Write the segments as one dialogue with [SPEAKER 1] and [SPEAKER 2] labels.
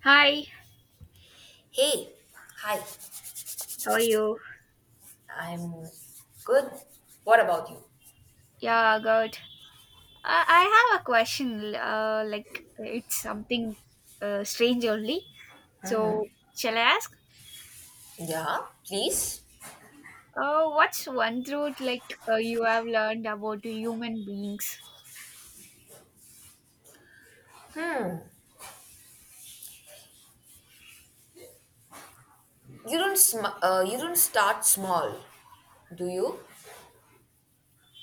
[SPEAKER 1] Hi,
[SPEAKER 2] Hey, hi.
[SPEAKER 1] how are you?
[SPEAKER 2] I'm good. What about you?
[SPEAKER 1] Yeah, good. I have a question. Like it's something strange only. So shall I ask?
[SPEAKER 2] Yeah, please.
[SPEAKER 1] What's one truth like you have learned about the human beings?
[SPEAKER 2] You don't start small, do you?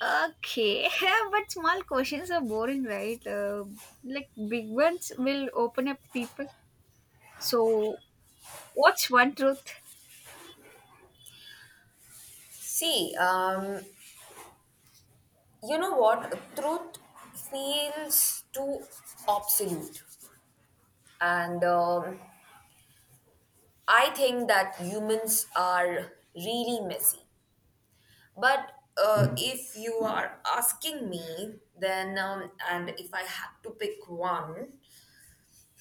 [SPEAKER 1] Okay, but small questions are boring, right? Like big ones will open up people. So what's one truth?
[SPEAKER 2] See, you know what? Truth feels too absolute, and I think that humans are really messy. But if you are asking me, then and if I had to pick one.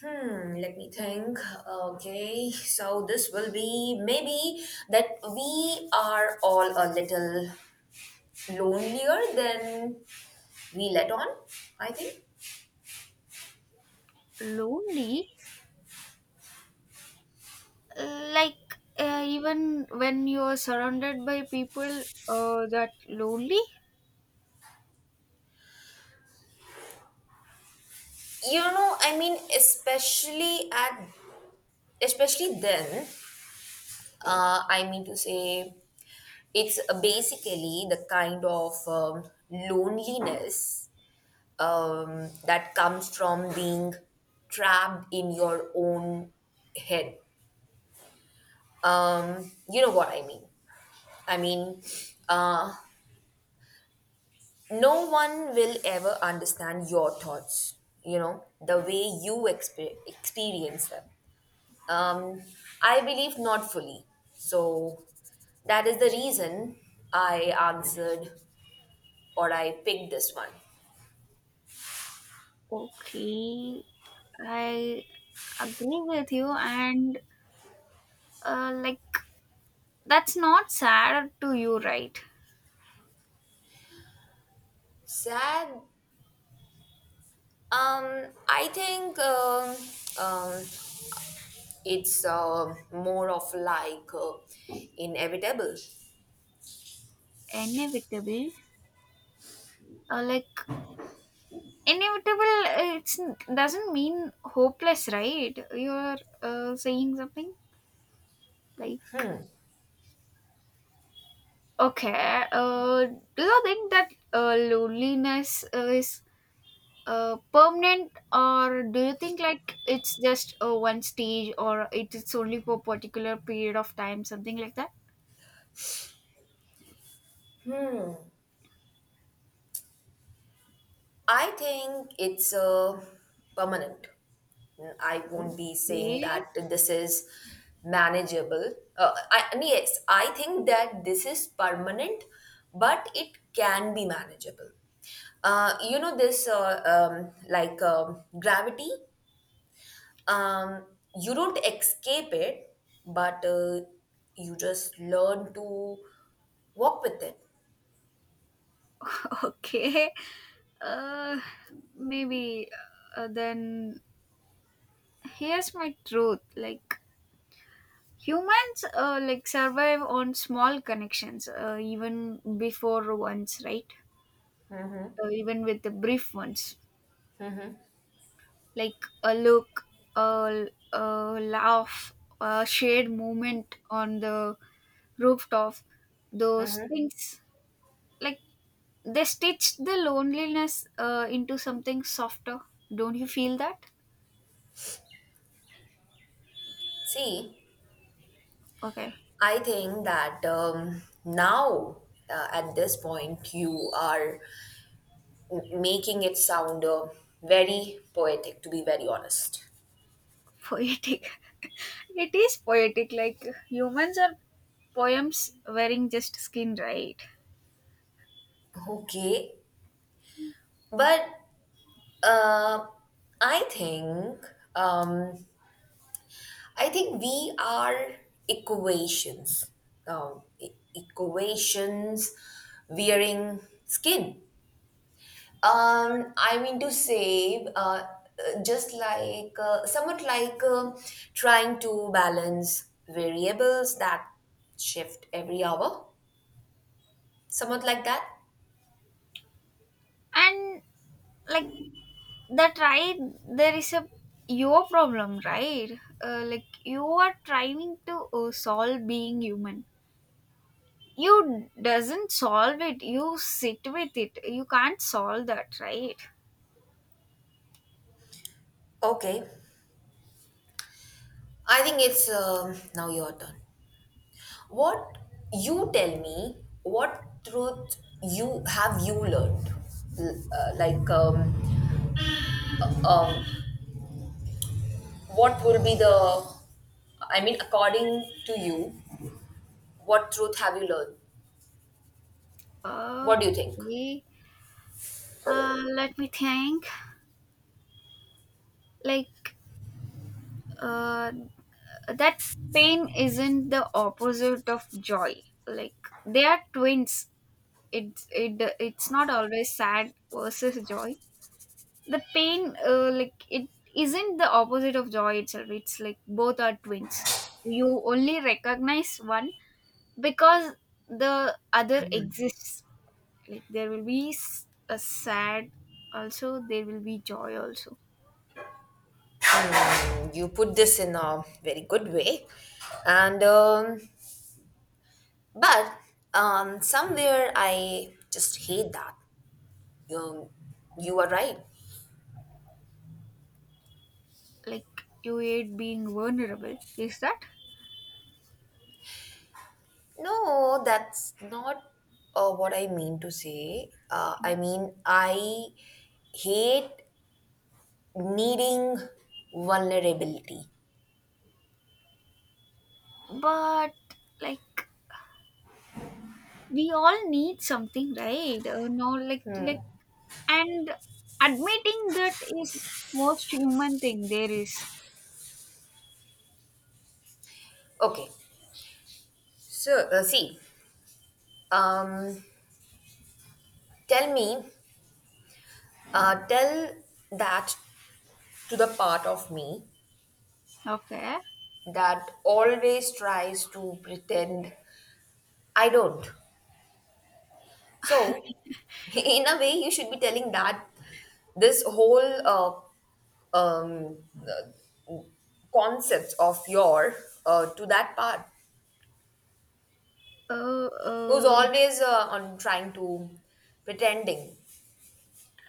[SPEAKER 2] Hmm, let me think. Okay, so this will be maybe that we are all a little lonelier than we let on, I think.
[SPEAKER 1] Lonely, like even when you are surrounded by people that lonely?
[SPEAKER 2] You know, I mean, especially then, I mean to say, it's basically the kind of, loneliness, that comes from being trapped in your own head. You know what I mean. I mean, uh, no one will ever understand your thoughts, you know, the way you experience them. Um, I believe not fully. So that is the reason I answered or I picked this one.
[SPEAKER 1] Okay, I agree with you, and like that's not sad to you, right?
[SPEAKER 2] Sad. I think, um, it's more of like, inevitable.
[SPEAKER 1] Inevitable. Like inevitable, it's doesn't mean hopeless, right? You're saying something like okay. Do you think that loneliness is permanent, or do you think like it's just one stage, or it is only for particular period of time, something like that?
[SPEAKER 2] I think it's permanent. I won't be saying
[SPEAKER 1] Okay.
[SPEAKER 2] that this is manageable. I mean, yes, I think that this is permanent, but it can be manageable. You know, this, like, gravity, um, you don't escape it, but you just learn to walk with it.
[SPEAKER 1] Okay, uh maybe then, here's my truth, like humans like survive on small connections even before ones, right?
[SPEAKER 2] Hmm.
[SPEAKER 1] Even with the brief ones, like a look, a, a laugh, a shared moment on the rooftop. Those
[SPEAKER 2] Hmm.
[SPEAKER 1] things, like they stitch the loneliness into something softer. Don't you feel that?
[SPEAKER 2] See,
[SPEAKER 1] Okay,
[SPEAKER 2] I think that, now, at this point, you are making it sound very poetic, to be very honest.
[SPEAKER 1] poetic. It is poetic. Like humans are poems wearing just skin, right?
[SPEAKER 2] Okay, but uh, I think um, I think we are equations, equations wearing skin. I mean to say, just like, somewhat like, trying to balance variables that shift every hour, somewhat like that.
[SPEAKER 1] And like that, right there, is a your problem, right? Like you are trying to solve being human. You doesn't solve it, you sit with it, you can't solve that, right?
[SPEAKER 2] Okay, I think it's, now your turn. What you tell me, what truth you have you learned? Like, what will be the, I mean, according to you, what truth have you learned? What do you think?
[SPEAKER 1] Okay, let me think, like uh, that pain isn't the opposite of joy, like they are twins. It's not always sad versus joy. The pain like it isn't the opposite of joy itself, it's like both are twins. You only recognize one because the other exists. Like there will be a sad also, there will be joy also.
[SPEAKER 2] You put this in a very good way, and but, somewhere I just hate that, you, you are right.
[SPEAKER 1] Like you hate being vulnerable, is that?
[SPEAKER 2] No, that's not what I mean to say. I mean, I hate needing vulnerability.
[SPEAKER 1] But like we all need something, right? No, like and admitting that is most human thing there is.
[SPEAKER 2] Okay, so, see, um, tell me tell that to the part of me
[SPEAKER 1] Okay.
[SPEAKER 2] that always tries to pretend I don't. So, in a way, you should be telling that this whole, uh, um, concept of your, to that part
[SPEAKER 1] Oh,
[SPEAKER 2] who's
[SPEAKER 1] oh,
[SPEAKER 2] always, on trying to pretending.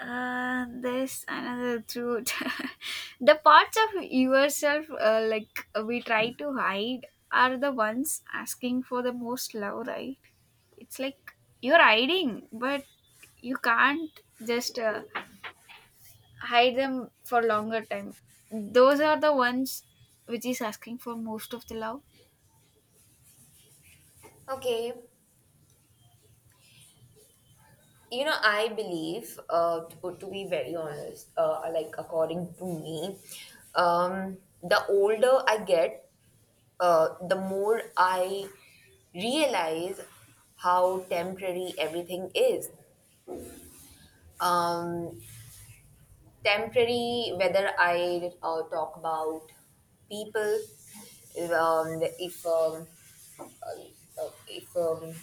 [SPEAKER 1] there's another truth. The parts of yourself, like we try to hide, are the ones asking for the most love, right? It's like you're hiding, but you can't just hide them for longer time. Those are the ones which is asking for most of the love.
[SPEAKER 2] Okay, you know, I believe, to be very honest, like according to me, um, the older I get, the more I realize how temporary everything is. Um, Temporary, whether I, talk about people. um, if um, uh, uh, if um,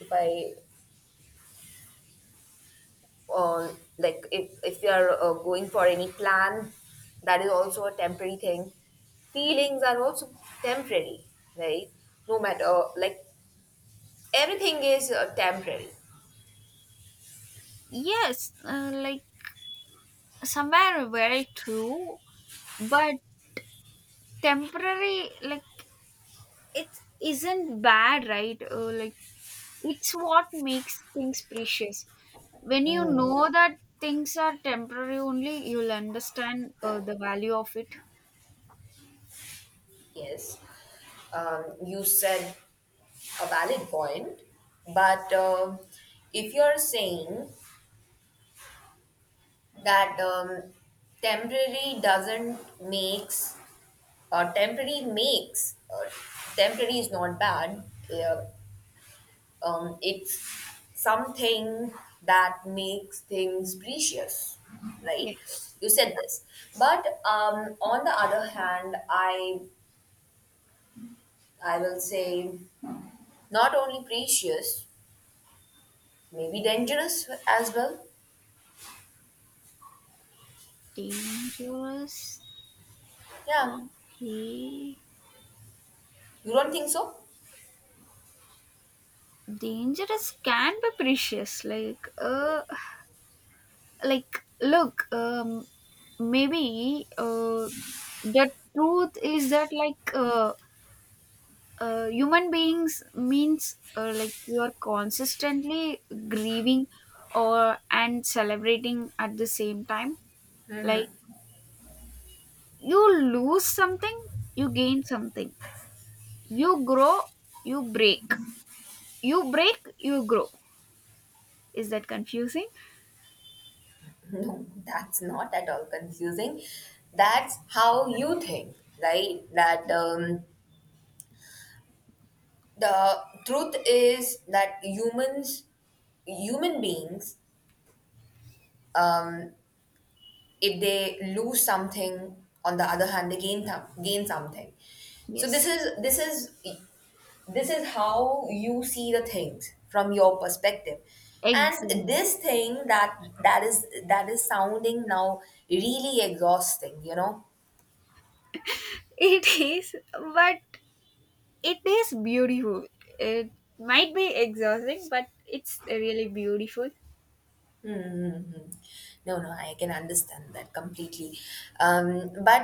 [SPEAKER 2] if I uh, like if you are, going for any plan, that is also a temporary thing. Feelings are also temporary, right? No matter, like everything is temporary.
[SPEAKER 1] Yes, like somewhere very true, but temporary, like it isn't bad, right? Like it's what makes things precious. When you
[SPEAKER 2] Hmm.
[SPEAKER 1] know that things are temporary only, you'll understand the value of it.
[SPEAKER 2] Yes, you said a valid point, but if you're saying that, temporary doesn't makes temporary makes temporary is not bad. Uh, it's something that makes things precious, right?
[SPEAKER 1] Yes.
[SPEAKER 2] You said
[SPEAKER 1] Yeah.
[SPEAKER 2] this, but on the other hand, I will say, not only precious. Maybe dangerous as well.
[SPEAKER 1] Dangerous.
[SPEAKER 2] Yeah,
[SPEAKER 1] Okay.
[SPEAKER 2] you don't think so?
[SPEAKER 1] Dangerous can be precious, like look, maybe the truth is that, like human beings means, like you are consistently grieving or and celebrating at the same time. Like you lose something, you gain something, you grow, you break, you break you grow. Is that confusing?
[SPEAKER 2] No, that's not at all confusing. That's how you think, right? That the truth is that humans, human beings, um, if they lose something, on the other hand, they gain something. So this
[SPEAKER 1] Yes,
[SPEAKER 2] is this is this is how you see the things from your perspective, and
[SPEAKER 1] exactly.
[SPEAKER 2] this thing that is sounding now really exhausting, you know.
[SPEAKER 1] It is, but it is beautiful. It might be exhausting, but it's really beautiful.
[SPEAKER 2] No, no, I can understand that completely. But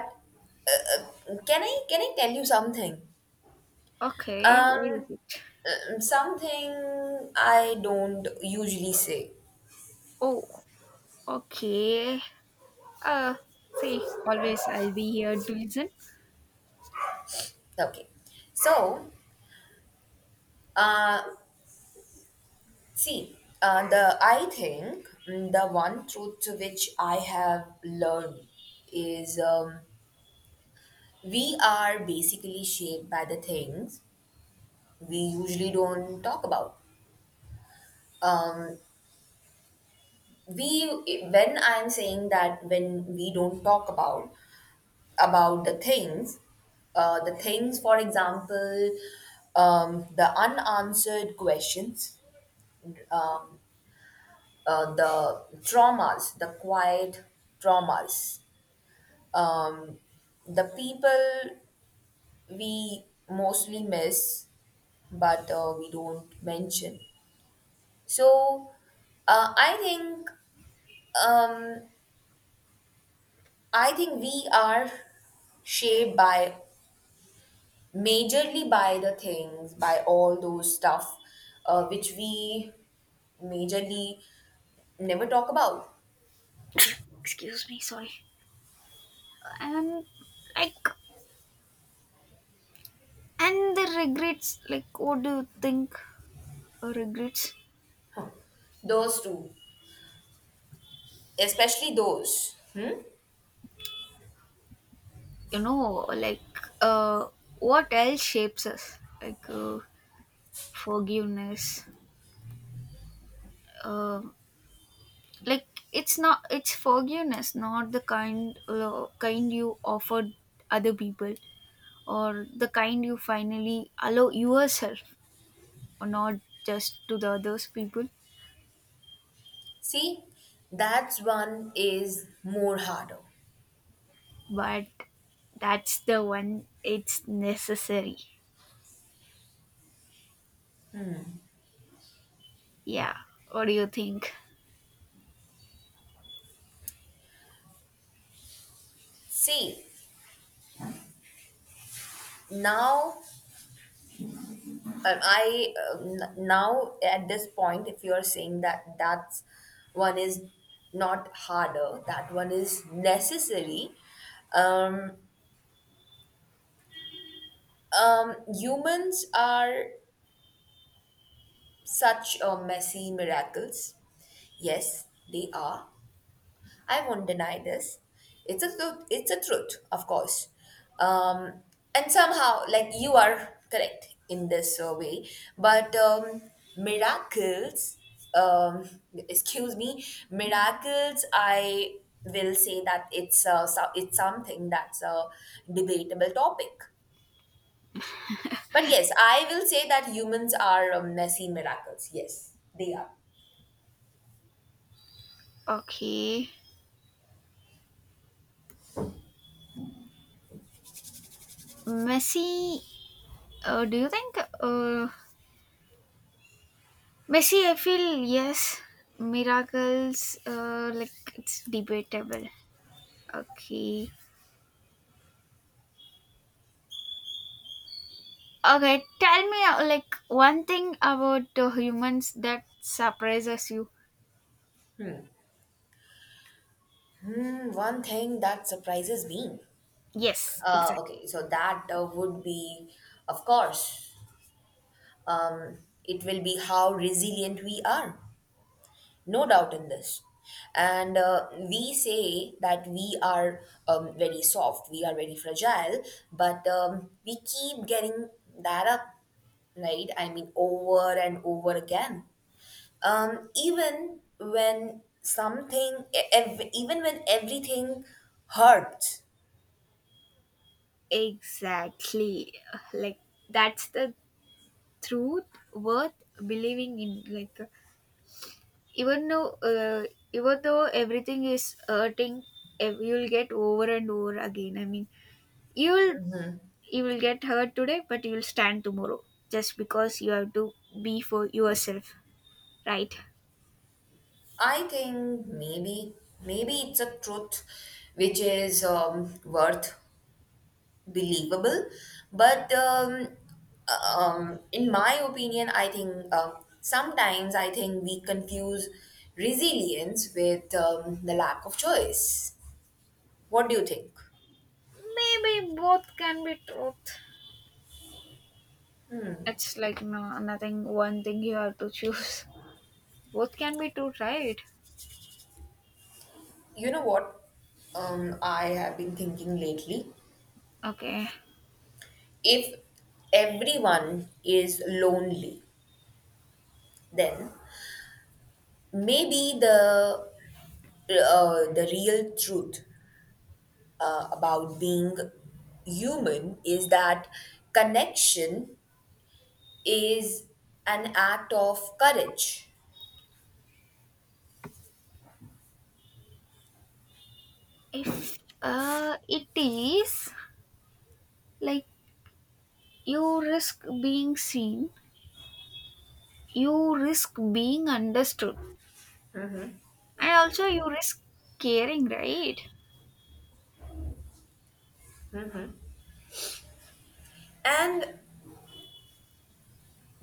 [SPEAKER 2] uh, can I tell you something?
[SPEAKER 1] Okay, what is
[SPEAKER 2] um
[SPEAKER 1] it?
[SPEAKER 2] Something I don't usually say.
[SPEAKER 1] Oh. Okay. Uh, see, always I'll be here to listen.
[SPEAKER 2] Okay. So, uh see, the I think, the one truth to which I have learned is, we are basically shaped by the things we usually don't talk about. Um, we When I'm saying that, when we don't talk about the things, for example, the unanswered questions, um, the traumas, the quiet traumas, um, the people we mostly miss, but we don't mention. So, uh, i think um, I think we are shaped, by majorly, by the things, by all those stuff, which we majorly never talk about.
[SPEAKER 1] Excuse me, sorry. And like, and the regrets. Like, what do you think? Regrets.
[SPEAKER 2] Huh. Those two, especially those. Hmm?
[SPEAKER 1] You know, like, uh, what else shapes us? Like, forgiveness. Um, like, it's not. It's forgiveness, not the kind you offered other people, or the kind you finally allow yourself, or not just to the others people.
[SPEAKER 2] See, that's one is more harder.
[SPEAKER 1] But that's the one, it's necessary. Yeah, what do you think?
[SPEAKER 2] See, now, now at this point, if you are saying that that's one is not harder, that one is necessary. um Humans are such, messy miracles. Yes, they are. I won't deny this. It's a truth. It's a truth, of course. Um, and somehow, like you are correct in this, way, but miracles. Excuse me, miracles. I will say that it's it's something that's a debatable topic. But yes, I will say that humans are, messy miracles. Yes, they are.
[SPEAKER 1] Okay, messi, do you think uh, messi, I feel yes. Miracles like it's debatable. Okay. Okay, tell me, like one thing about humans that surprises you.
[SPEAKER 2] Hmm, one thing that surprises me.
[SPEAKER 1] Yes, exactly.
[SPEAKER 2] Okay, so that would be, of course, um, it will be how resilient we are. No doubt in this. And we say that we are, very soft, we are very fragile, but we keep getting that up, right? I mean, over and over again. Even when even when everything hurts.
[SPEAKER 1] Exactly, like that's the truth worth believing in, like even though uh, even though everything is hurting, you'll get over and over again. I mean, you'll you will get hurt today but you'll stand tomorrow, just because you have to be for yourself, right?
[SPEAKER 2] I think maybe, it's a truth which is, worth believable, but in my opinion, I think sometimes I think we confuse resilience with, the lack of choice. What do you think?
[SPEAKER 1] Maybe both can be truth, it's like no, nothing one thing you have to choose. Both can be true, right?
[SPEAKER 2] You know what, I have been thinking lately.
[SPEAKER 1] Okay,
[SPEAKER 2] If everyone is lonely, then maybe the real truth, about being human is that connection is an act of courage.
[SPEAKER 1] if it is, like you risk being seen, you risk being understood, and also you risk caring, right?
[SPEAKER 2] And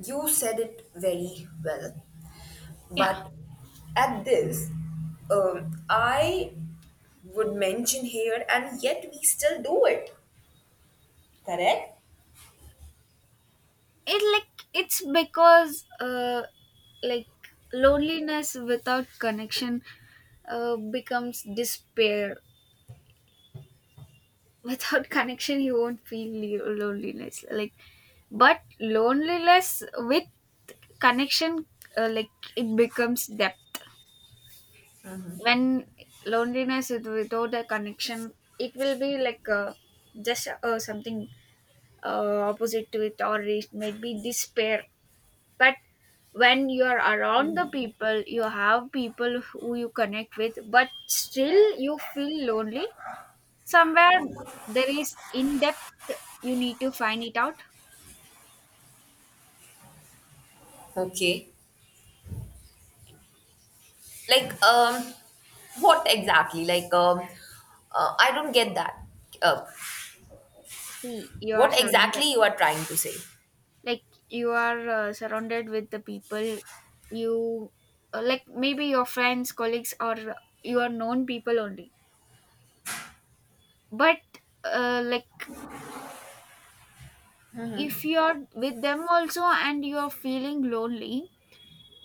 [SPEAKER 2] you said it very well.
[SPEAKER 1] Yeah,
[SPEAKER 2] But at this, I would mention here, and yet we still do it, correct?
[SPEAKER 1] it's because like loneliness without connection becomes despair. Without connection you won't feel loneliness, like. But loneliness with connection, like it becomes depth. When loneliness without a connection, it will be like just something opposite to it, or it might be despair. But when you are around the people, you have people who you connect with, but still you feel lonely somewhere, there is in depth, you need to find it out.
[SPEAKER 2] Okay. Like, what exactly? Like, I don't get that. Uh,
[SPEAKER 1] See, you are
[SPEAKER 2] what
[SPEAKER 1] surrounded.
[SPEAKER 2] exactly you are trying to say.
[SPEAKER 1] Like you are surrounded with the people, you like maybe your friends, colleagues, or your known people only. But like if you're with them also and you're feeling lonely,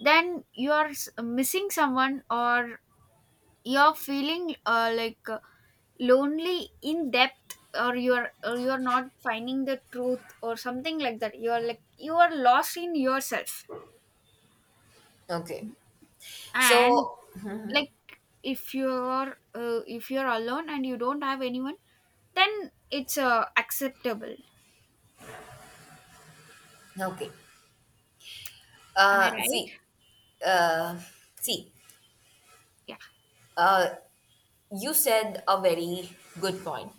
[SPEAKER 1] then you're missing someone, or you're feeling like lonely in depth, or you're not finding the truth or something like that, you're like you are lost in yourself.
[SPEAKER 2] Okay,
[SPEAKER 1] And
[SPEAKER 2] so,
[SPEAKER 1] like if you're alone and you don't have anyone, then it's acceptable.
[SPEAKER 2] okay.
[SPEAKER 1] Am I
[SPEAKER 2] uh
[SPEAKER 1] right?
[SPEAKER 2] see uh see.
[SPEAKER 1] Yeah.
[SPEAKER 2] uh you said a very good point,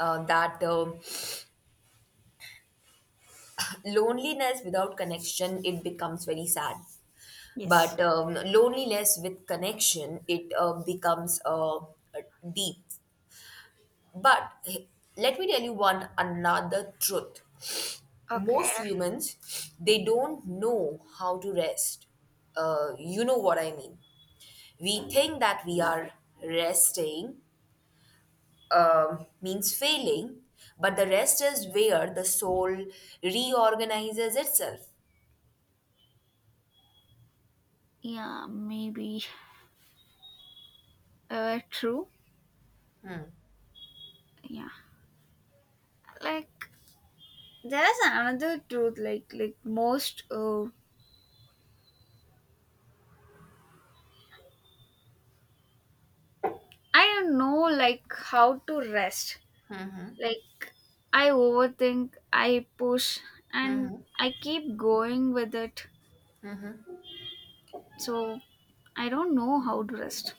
[SPEAKER 2] that, loneliness without connection it becomes very sad.
[SPEAKER 1] Yes.
[SPEAKER 2] But, loneliness with connection, it becomes, deep. But let me tell you one another truth.
[SPEAKER 1] Okay.
[SPEAKER 2] Most humans, they don't know how to rest. You know what I mean. We think that we are resting, means failing. But the rest is where the soul reorganizes itself.
[SPEAKER 1] Yeah, maybe true. Yeah, like there's another truth, like most, I don't know like how to rest. Like I overthink, I push, and I keep going with it. So I don't know how to rest.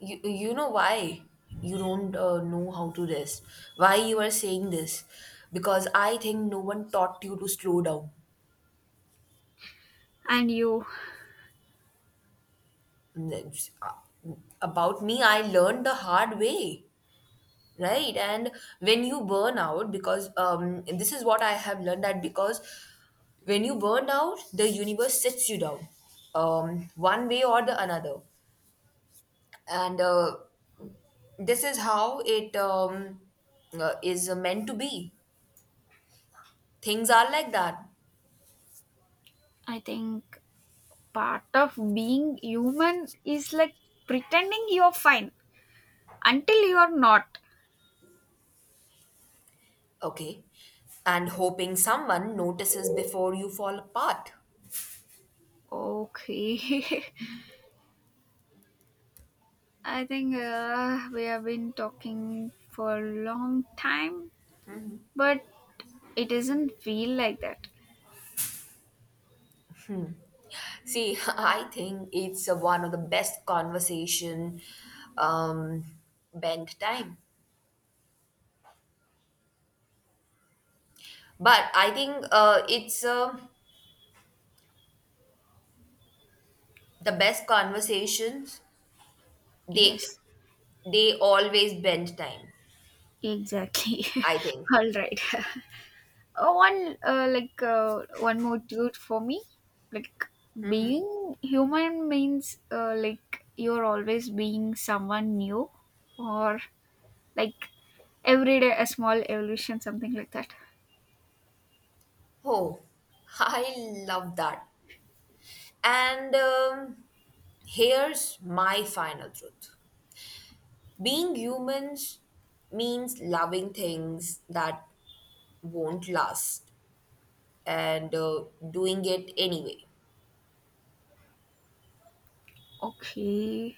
[SPEAKER 2] You know why you don't know how to rest? Why you are saying this? Because I think no one taught you to slow down.
[SPEAKER 1] And you?
[SPEAKER 2] About me, I learned the hard way, right? And when you burn out, because, this is what I have learned, that because when you burn out, the universe sets you down, one way or the another. And this is how it, is meant to be. Things are like that.
[SPEAKER 1] I think part of being human is like pretending you're fine until you're not.
[SPEAKER 2] Okay. And hoping someone notices before you fall apart.
[SPEAKER 1] Okay. I think we have been talking for a long time, but it doesn't feel like that.
[SPEAKER 2] See, I think it's, one of the best conversation. Um bent time. But I think, it's the best conversations, they
[SPEAKER 1] Yes,
[SPEAKER 2] they always bend time.
[SPEAKER 1] exactly.
[SPEAKER 2] I think.
[SPEAKER 1] All right. One more dude for me. Like being human means like you're always being someone new, or like every day a small evolution, something like that.
[SPEAKER 2] Oh, I love that. And, here's my final truth. Being humans means loving things that won't last, and doing it anyway.
[SPEAKER 1] Okay.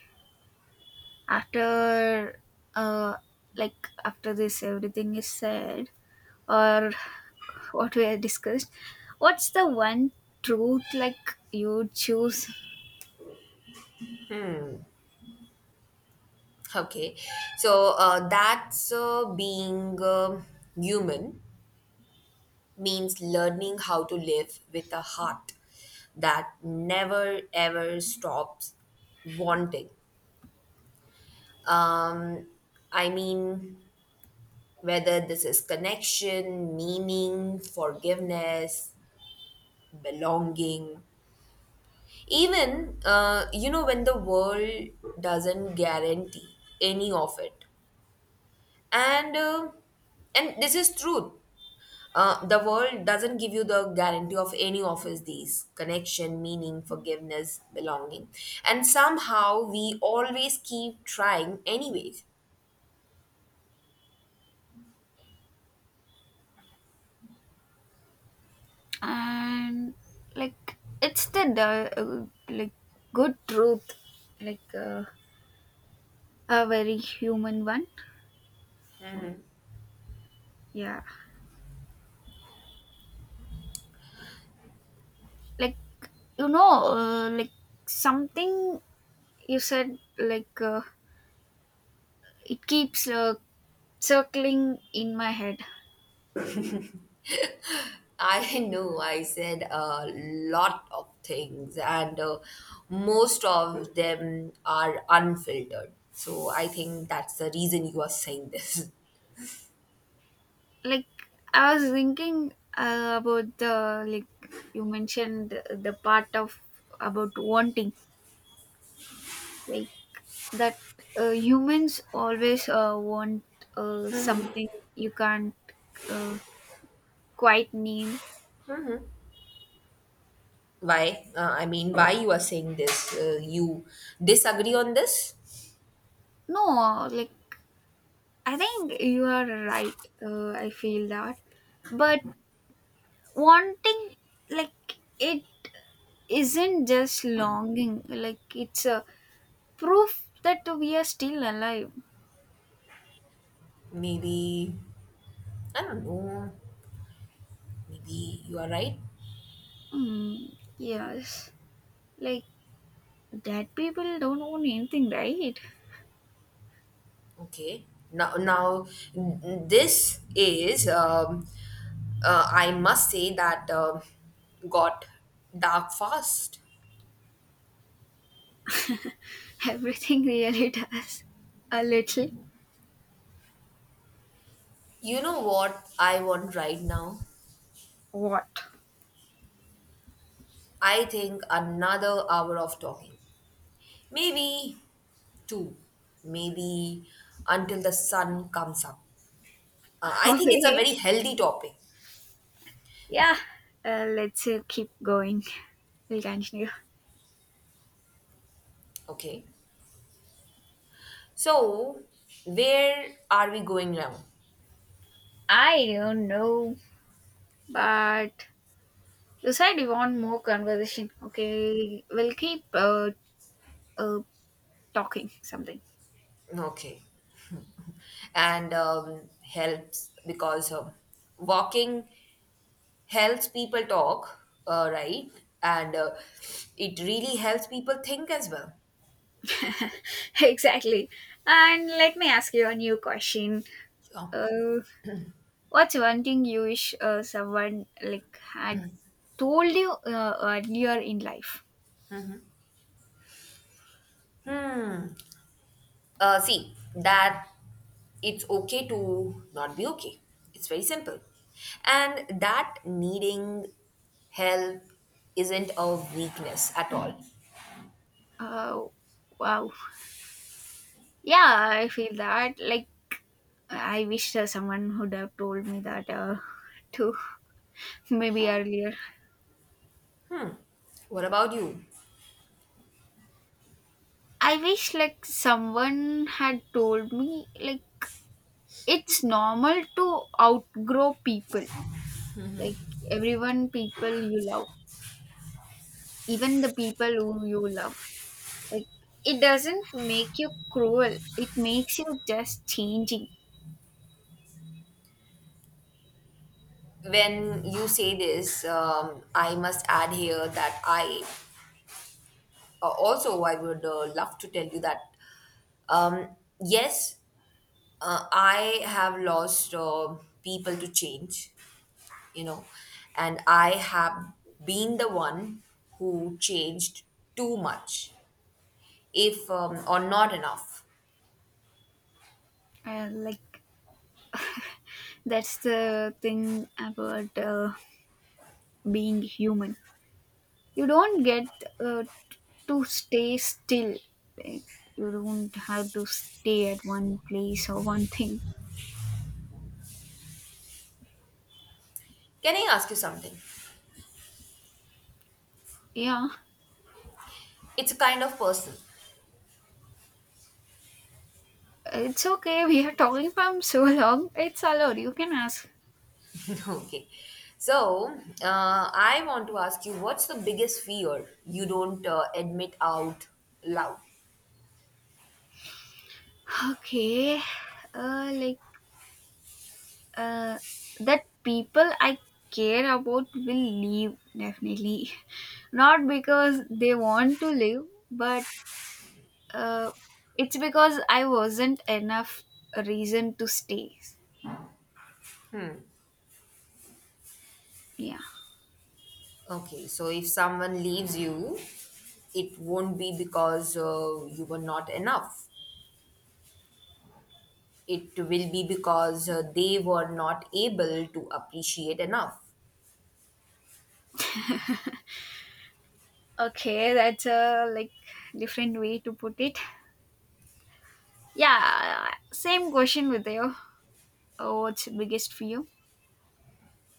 [SPEAKER 1] after uh after this everything is said, or what we have discussed, what's the one truth like you choose?
[SPEAKER 2] Okay, so, that's, being, human means learning how to live with a heart that never ever stops wanting. Um, I mean, whether this is connection, meaning, forgiveness, belonging, even, you know, when the world doesn't guarantee any of it. And, uh, and this is truth. The world doesn't give you the guarantee of any of his these connection, meaning, forgiveness, belonging. And somehow we always keep trying, anyways.
[SPEAKER 1] And like it's the like good truth, like a very human one. Yeah, like you know like something you said, like it keeps circling in my head.
[SPEAKER 2] I know I said a lot of things, and most of them are unfiltered. So I think that's the reason you are saying this.
[SPEAKER 1] Like I was thinking about the, like you mentioned the part of about wanting, like that humans always want something you can't uh, quite name.
[SPEAKER 2] Why? I mean, why you are saying this? You disagree on this?
[SPEAKER 1] No, like I think you are right, I feel that. But wanting, like it isn't just longing, like it's a proof that we are still alive.
[SPEAKER 2] Maybe, I don't know. Maybe you are right.
[SPEAKER 1] Mm, yes. Like, dead people don't own anything, right?
[SPEAKER 2] Okay. Now, now this is, I must say that, got dark fast.
[SPEAKER 1] Everything really does. A little.
[SPEAKER 2] You know what I want right now?
[SPEAKER 1] What?
[SPEAKER 2] I think another hour of talking. Maybe two. Maybe until the sun comes up. I think it's a
[SPEAKER 1] Okay.
[SPEAKER 2] very healthy topic.
[SPEAKER 1] Yeah. Let's keep going. We'll continue.
[SPEAKER 2] Okay. So, where are we going now?
[SPEAKER 1] I don't know, but you said you want more conversation. Okay, we'll keep uh, talking something.
[SPEAKER 2] Okay. and Helps because, walking helps people talk, right? And it really helps people think as well.
[SPEAKER 1] Exactly. And let me ask you a new question.
[SPEAKER 2] Sure.
[SPEAKER 1] Uh, What's one thing you wish someone like had told you earlier in life?
[SPEAKER 2] See, that it's okay to not be okay. It's very simple. And that needing help isn't a weakness at all.
[SPEAKER 1] Oh, wow. Yeah, I feel that. Like I wish someone would have told me that too, maybe earlier.
[SPEAKER 2] What about you?
[SPEAKER 1] I wish like someone had told me like it's normal to outgrow people, like everyone people you love, even the people who you love. Like, it doesn't make you cruel, it makes you just changing.
[SPEAKER 2] When you say this, I must add here that, I also, I would, love to tell you that, um, yes, I have lost, people to change, you know, and I have been the one who changed too much, if or not enough.
[SPEAKER 1] Like, that's the thing about being human. You don't get uh, to stay still. Like, you don't have to stay at one place or one thing.
[SPEAKER 2] Can I ask you something?
[SPEAKER 1] Yeah,
[SPEAKER 2] It's a kind of person.
[SPEAKER 1] it's okay. We are talking from so long. It's allowed. You can ask.
[SPEAKER 2] Okay. So, I want to ask you, what's the biggest fear you don't admit out loud?
[SPEAKER 1] Okay. Like uh, that people I care about will leave definitely, not because they want to leave, but uh, it's because I wasn't enough reason to stay. Yeah.
[SPEAKER 2] Okay, so if someone leaves you, it won't be because, you were not enough. It will be because, they were not able to appreciate enough.
[SPEAKER 1] Okay, that's a like different way to put it. Yeah, same question with you. What's biggest fear?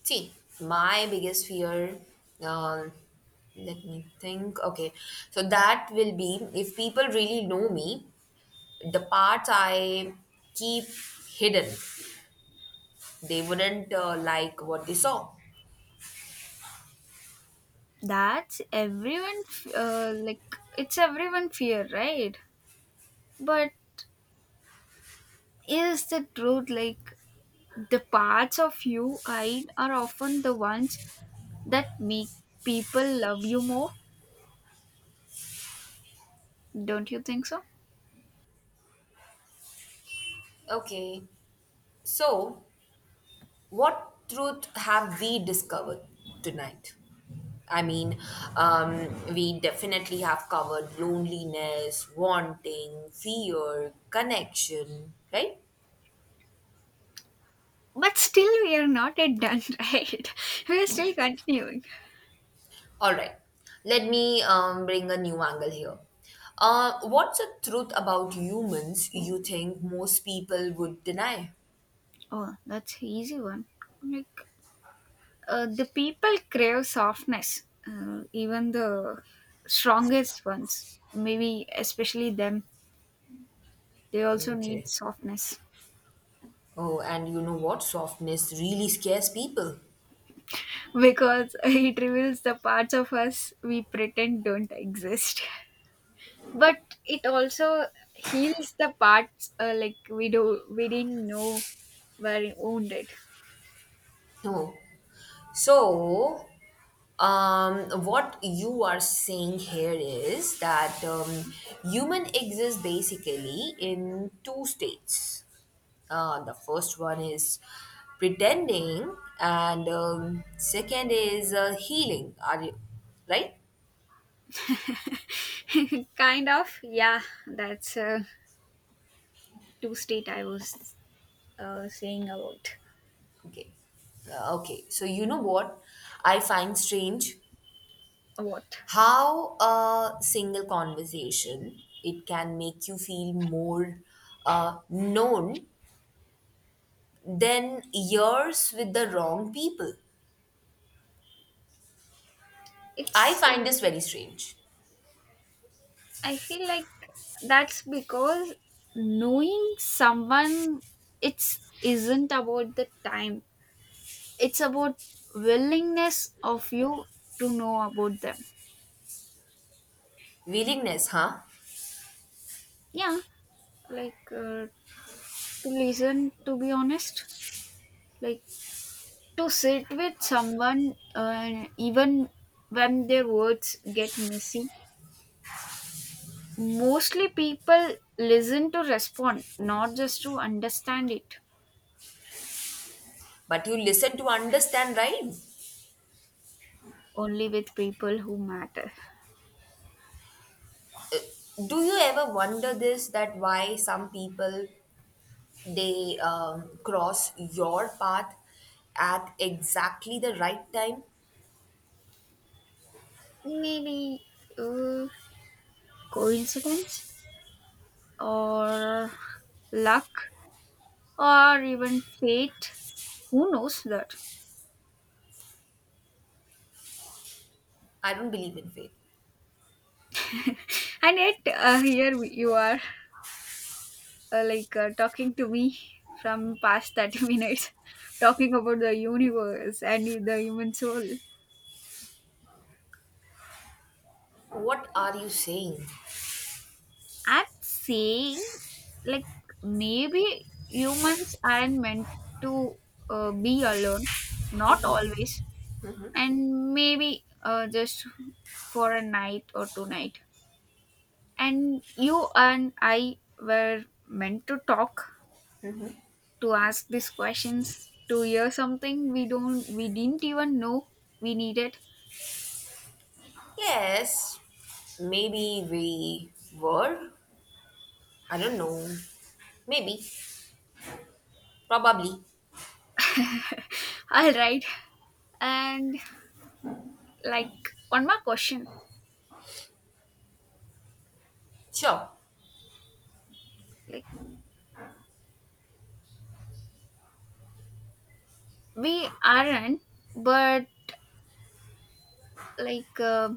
[SPEAKER 2] See, my biggest fear, uh, let me think. Okay, so that will be if people really know me, the parts I keep hidden, they wouldn't, like what they saw.
[SPEAKER 1] That's everyone. Like it's everyone fear, right? But is the truth like the parts of you hide are often the ones that make people love you more, don't you think so?
[SPEAKER 2] Okay, so what truth have we discovered tonight? I mean, we definitely have covered loneliness, wanting, fear, connection, right?
[SPEAKER 1] But still, we are not yet done, right? We are still continuing.
[SPEAKER 2] All right, let me, bring a new angle here. What's a truth about humans you think most people would deny?
[SPEAKER 1] Oh, that's easy one. Like the people crave softness, even the strongest ones. Maybe especially them. They also
[SPEAKER 2] Okay.
[SPEAKER 1] need softness
[SPEAKER 2] Oh, and you know what? Softness really scares people.
[SPEAKER 1] because it reveals the parts of us we pretend don't exist. But it also heals the parts like we didn't know were wounded.
[SPEAKER 2] No. So, what you are saying here is that, human exists basically in two states. The first one is pretending, and, second is, healing. Are you right?
[SPEAKER 1] Kind of, yeah, that's a two state I was saying about.
[SPEAKER 2] Okay. Okay. So you know what I find strange,
[SPEAKER 1] What?
[SPEAKER 2] how a single conversation it can make you feel more, known than years with the wrong people. I
[SPEAKER 1] It's
[SPEAKER 2] find this very strange.
[SPEAKER 1] I feel like that's because knowing someone, it's isn't about the time, it's about willingness of you to know about them.
[SPEAKER 2] Willingness, huh?
[SPEAKER 1] Yeah, like to listen, to be honest, like to sit with someone even when their words get messy. Mostly people listen to respond, not just to understand it.
[SPEAKER 2] But you listen to understand, right?
[SPEAKER 1] Only with people who matter.
[SPEAKER 2] Do you ever wonder this, that why some people they, cross your path at exactly the right time?
[SPEAKER 1] Maybe uh, coincidence, or luck, or even fate, who knows that?
[SPEAKER 2] I don't believe in fate.
[SPEAKER 1] And yet here you are like talking to me from past 30 minutes talking about the universe and the human soul.
[SPEAKER 2] What are you saying?
[SPEAKER 1] I'm saying, like maybe humans aren't meant to be alone, not always. And maybe just for a night or two night, and you and I were meant to talk, to ask these questions, to hear something we didn't even know we needed.
[SPEAKER 2] Yes, maybe we were. I don't know. Maybe, probably,
[SPEAKER 1] All right. And like one more question.
[SPEAKER 2] sure.
[SPEAKER 1] Like we aren't, but like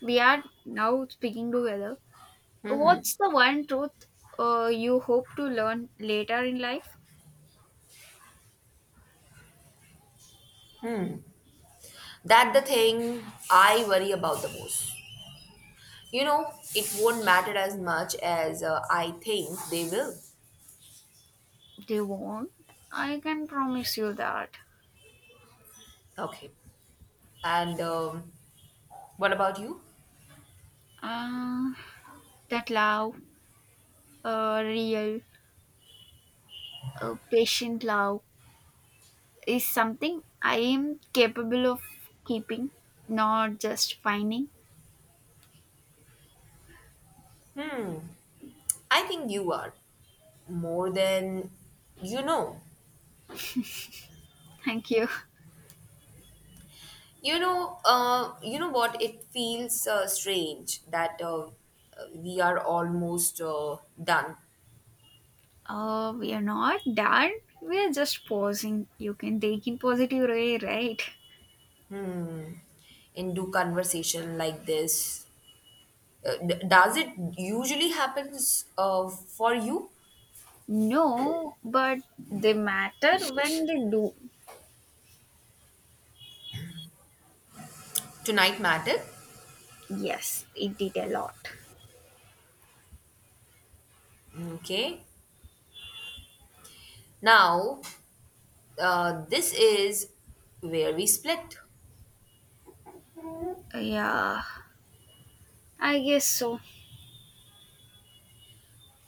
[SPEAKER 1] we are now speaking together.
[SPEAKER 2] Mm-hmm.
[SPEAKER 1] What's the one truth you hope to learn later in life?
[SPEAKER 2] That the thing I worry about the most. You know, it won't matter as much as, I think they will.
[SPEAKER 1] They won't. I can promise you that.
[SPEAKER 2] Okay. And, what about you?
[SPEAKER 1] Uh, that love, real, patient love, is something I am capable of keeping, not just finding.
[SPEAKER 2] Hmm. I think you are more than you know.
[SPEAKER 1] Thank you.
[SPEAKER 2] You know. You know what? It feels, strange that, we are almost, done
[SPEAKER 1] We are not done. We are just pausing. You can take it positive way, right?
[SPEAKER 2] and do conversation like this. Does it usually happens, for you?
[SPEAKER 1] No, but they matter when they do.
[SPEAKER 2] Tonight matter?
[SPEAKER 1] Yes, it did a lot.
[SPEAKER 2] Okay. Now, this is where we split.
[SPEAKER 1] Yeah, I guess so.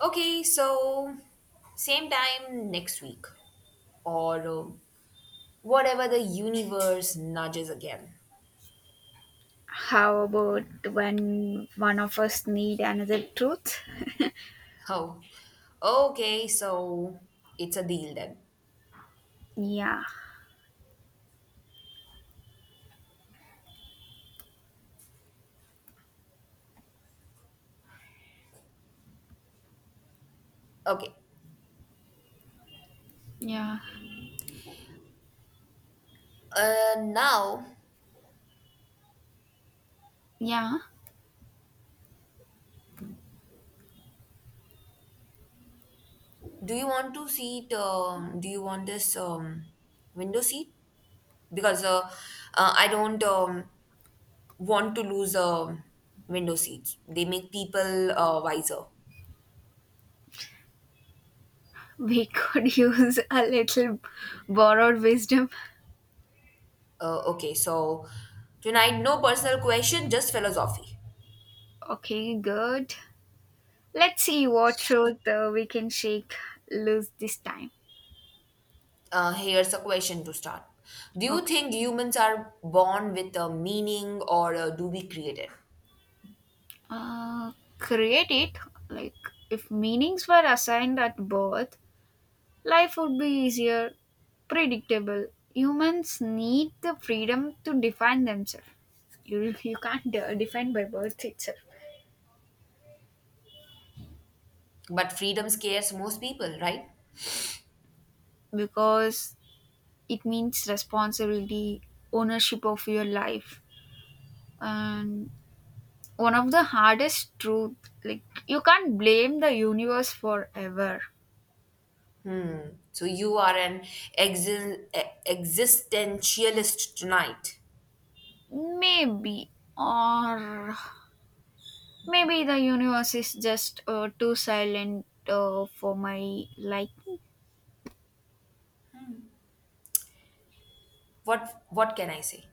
[SPEAKER 2] Okay, so same time next week, or whatever the universe nudges again.
[SPEAKER 1] How about when one of us need another truth?
[SPEAKER 2] Oh, okay, so it's a deal then.
[SPEAKER 1] Yeah,
[SPEAKER 2] Okay.
[SPEAKER 1] yeah,
[SPEAKER 2] Now,
[SPEAKER 1] yeah.
[SPEAKER 2] do you want to seat? Do you want this, window seat? Because I don't. Want to lose, window seats. They make people, wiser.
[SPEAKER 1] We could use a little borrowed wisdom.
[SPEAKER 2] Okay, so tonight, no personal question, just philosophy.
[SPEAKER 1] Okay, good. Let's see what truth we can shake loose this time.
[SPEAKER 2] Here's a question to start. Do you
[SPEAKER 1] Okay.
[SPEAKER 2] think humans are born with a meaning, or do we create it?
[SPEAKER 1] Uh, create it. Like, if meanings were assigned at birth, life would be easier, predictable. Humans need the freedom to define themselves. You can't define by birth itself
[SPEAKER 2] But freedom scares most people, right?
[SPEAKER 1] because it means responsibility, ownership of your life. And one of the hardest truth, like, you can't blame the universe forever.
[SPEAKER 2] So you are an existentialist tonight.
[SPEAKER 1] Maybe. Or maybe the universe is just too silent for my liking.
[SPEAKER 2] What can I say?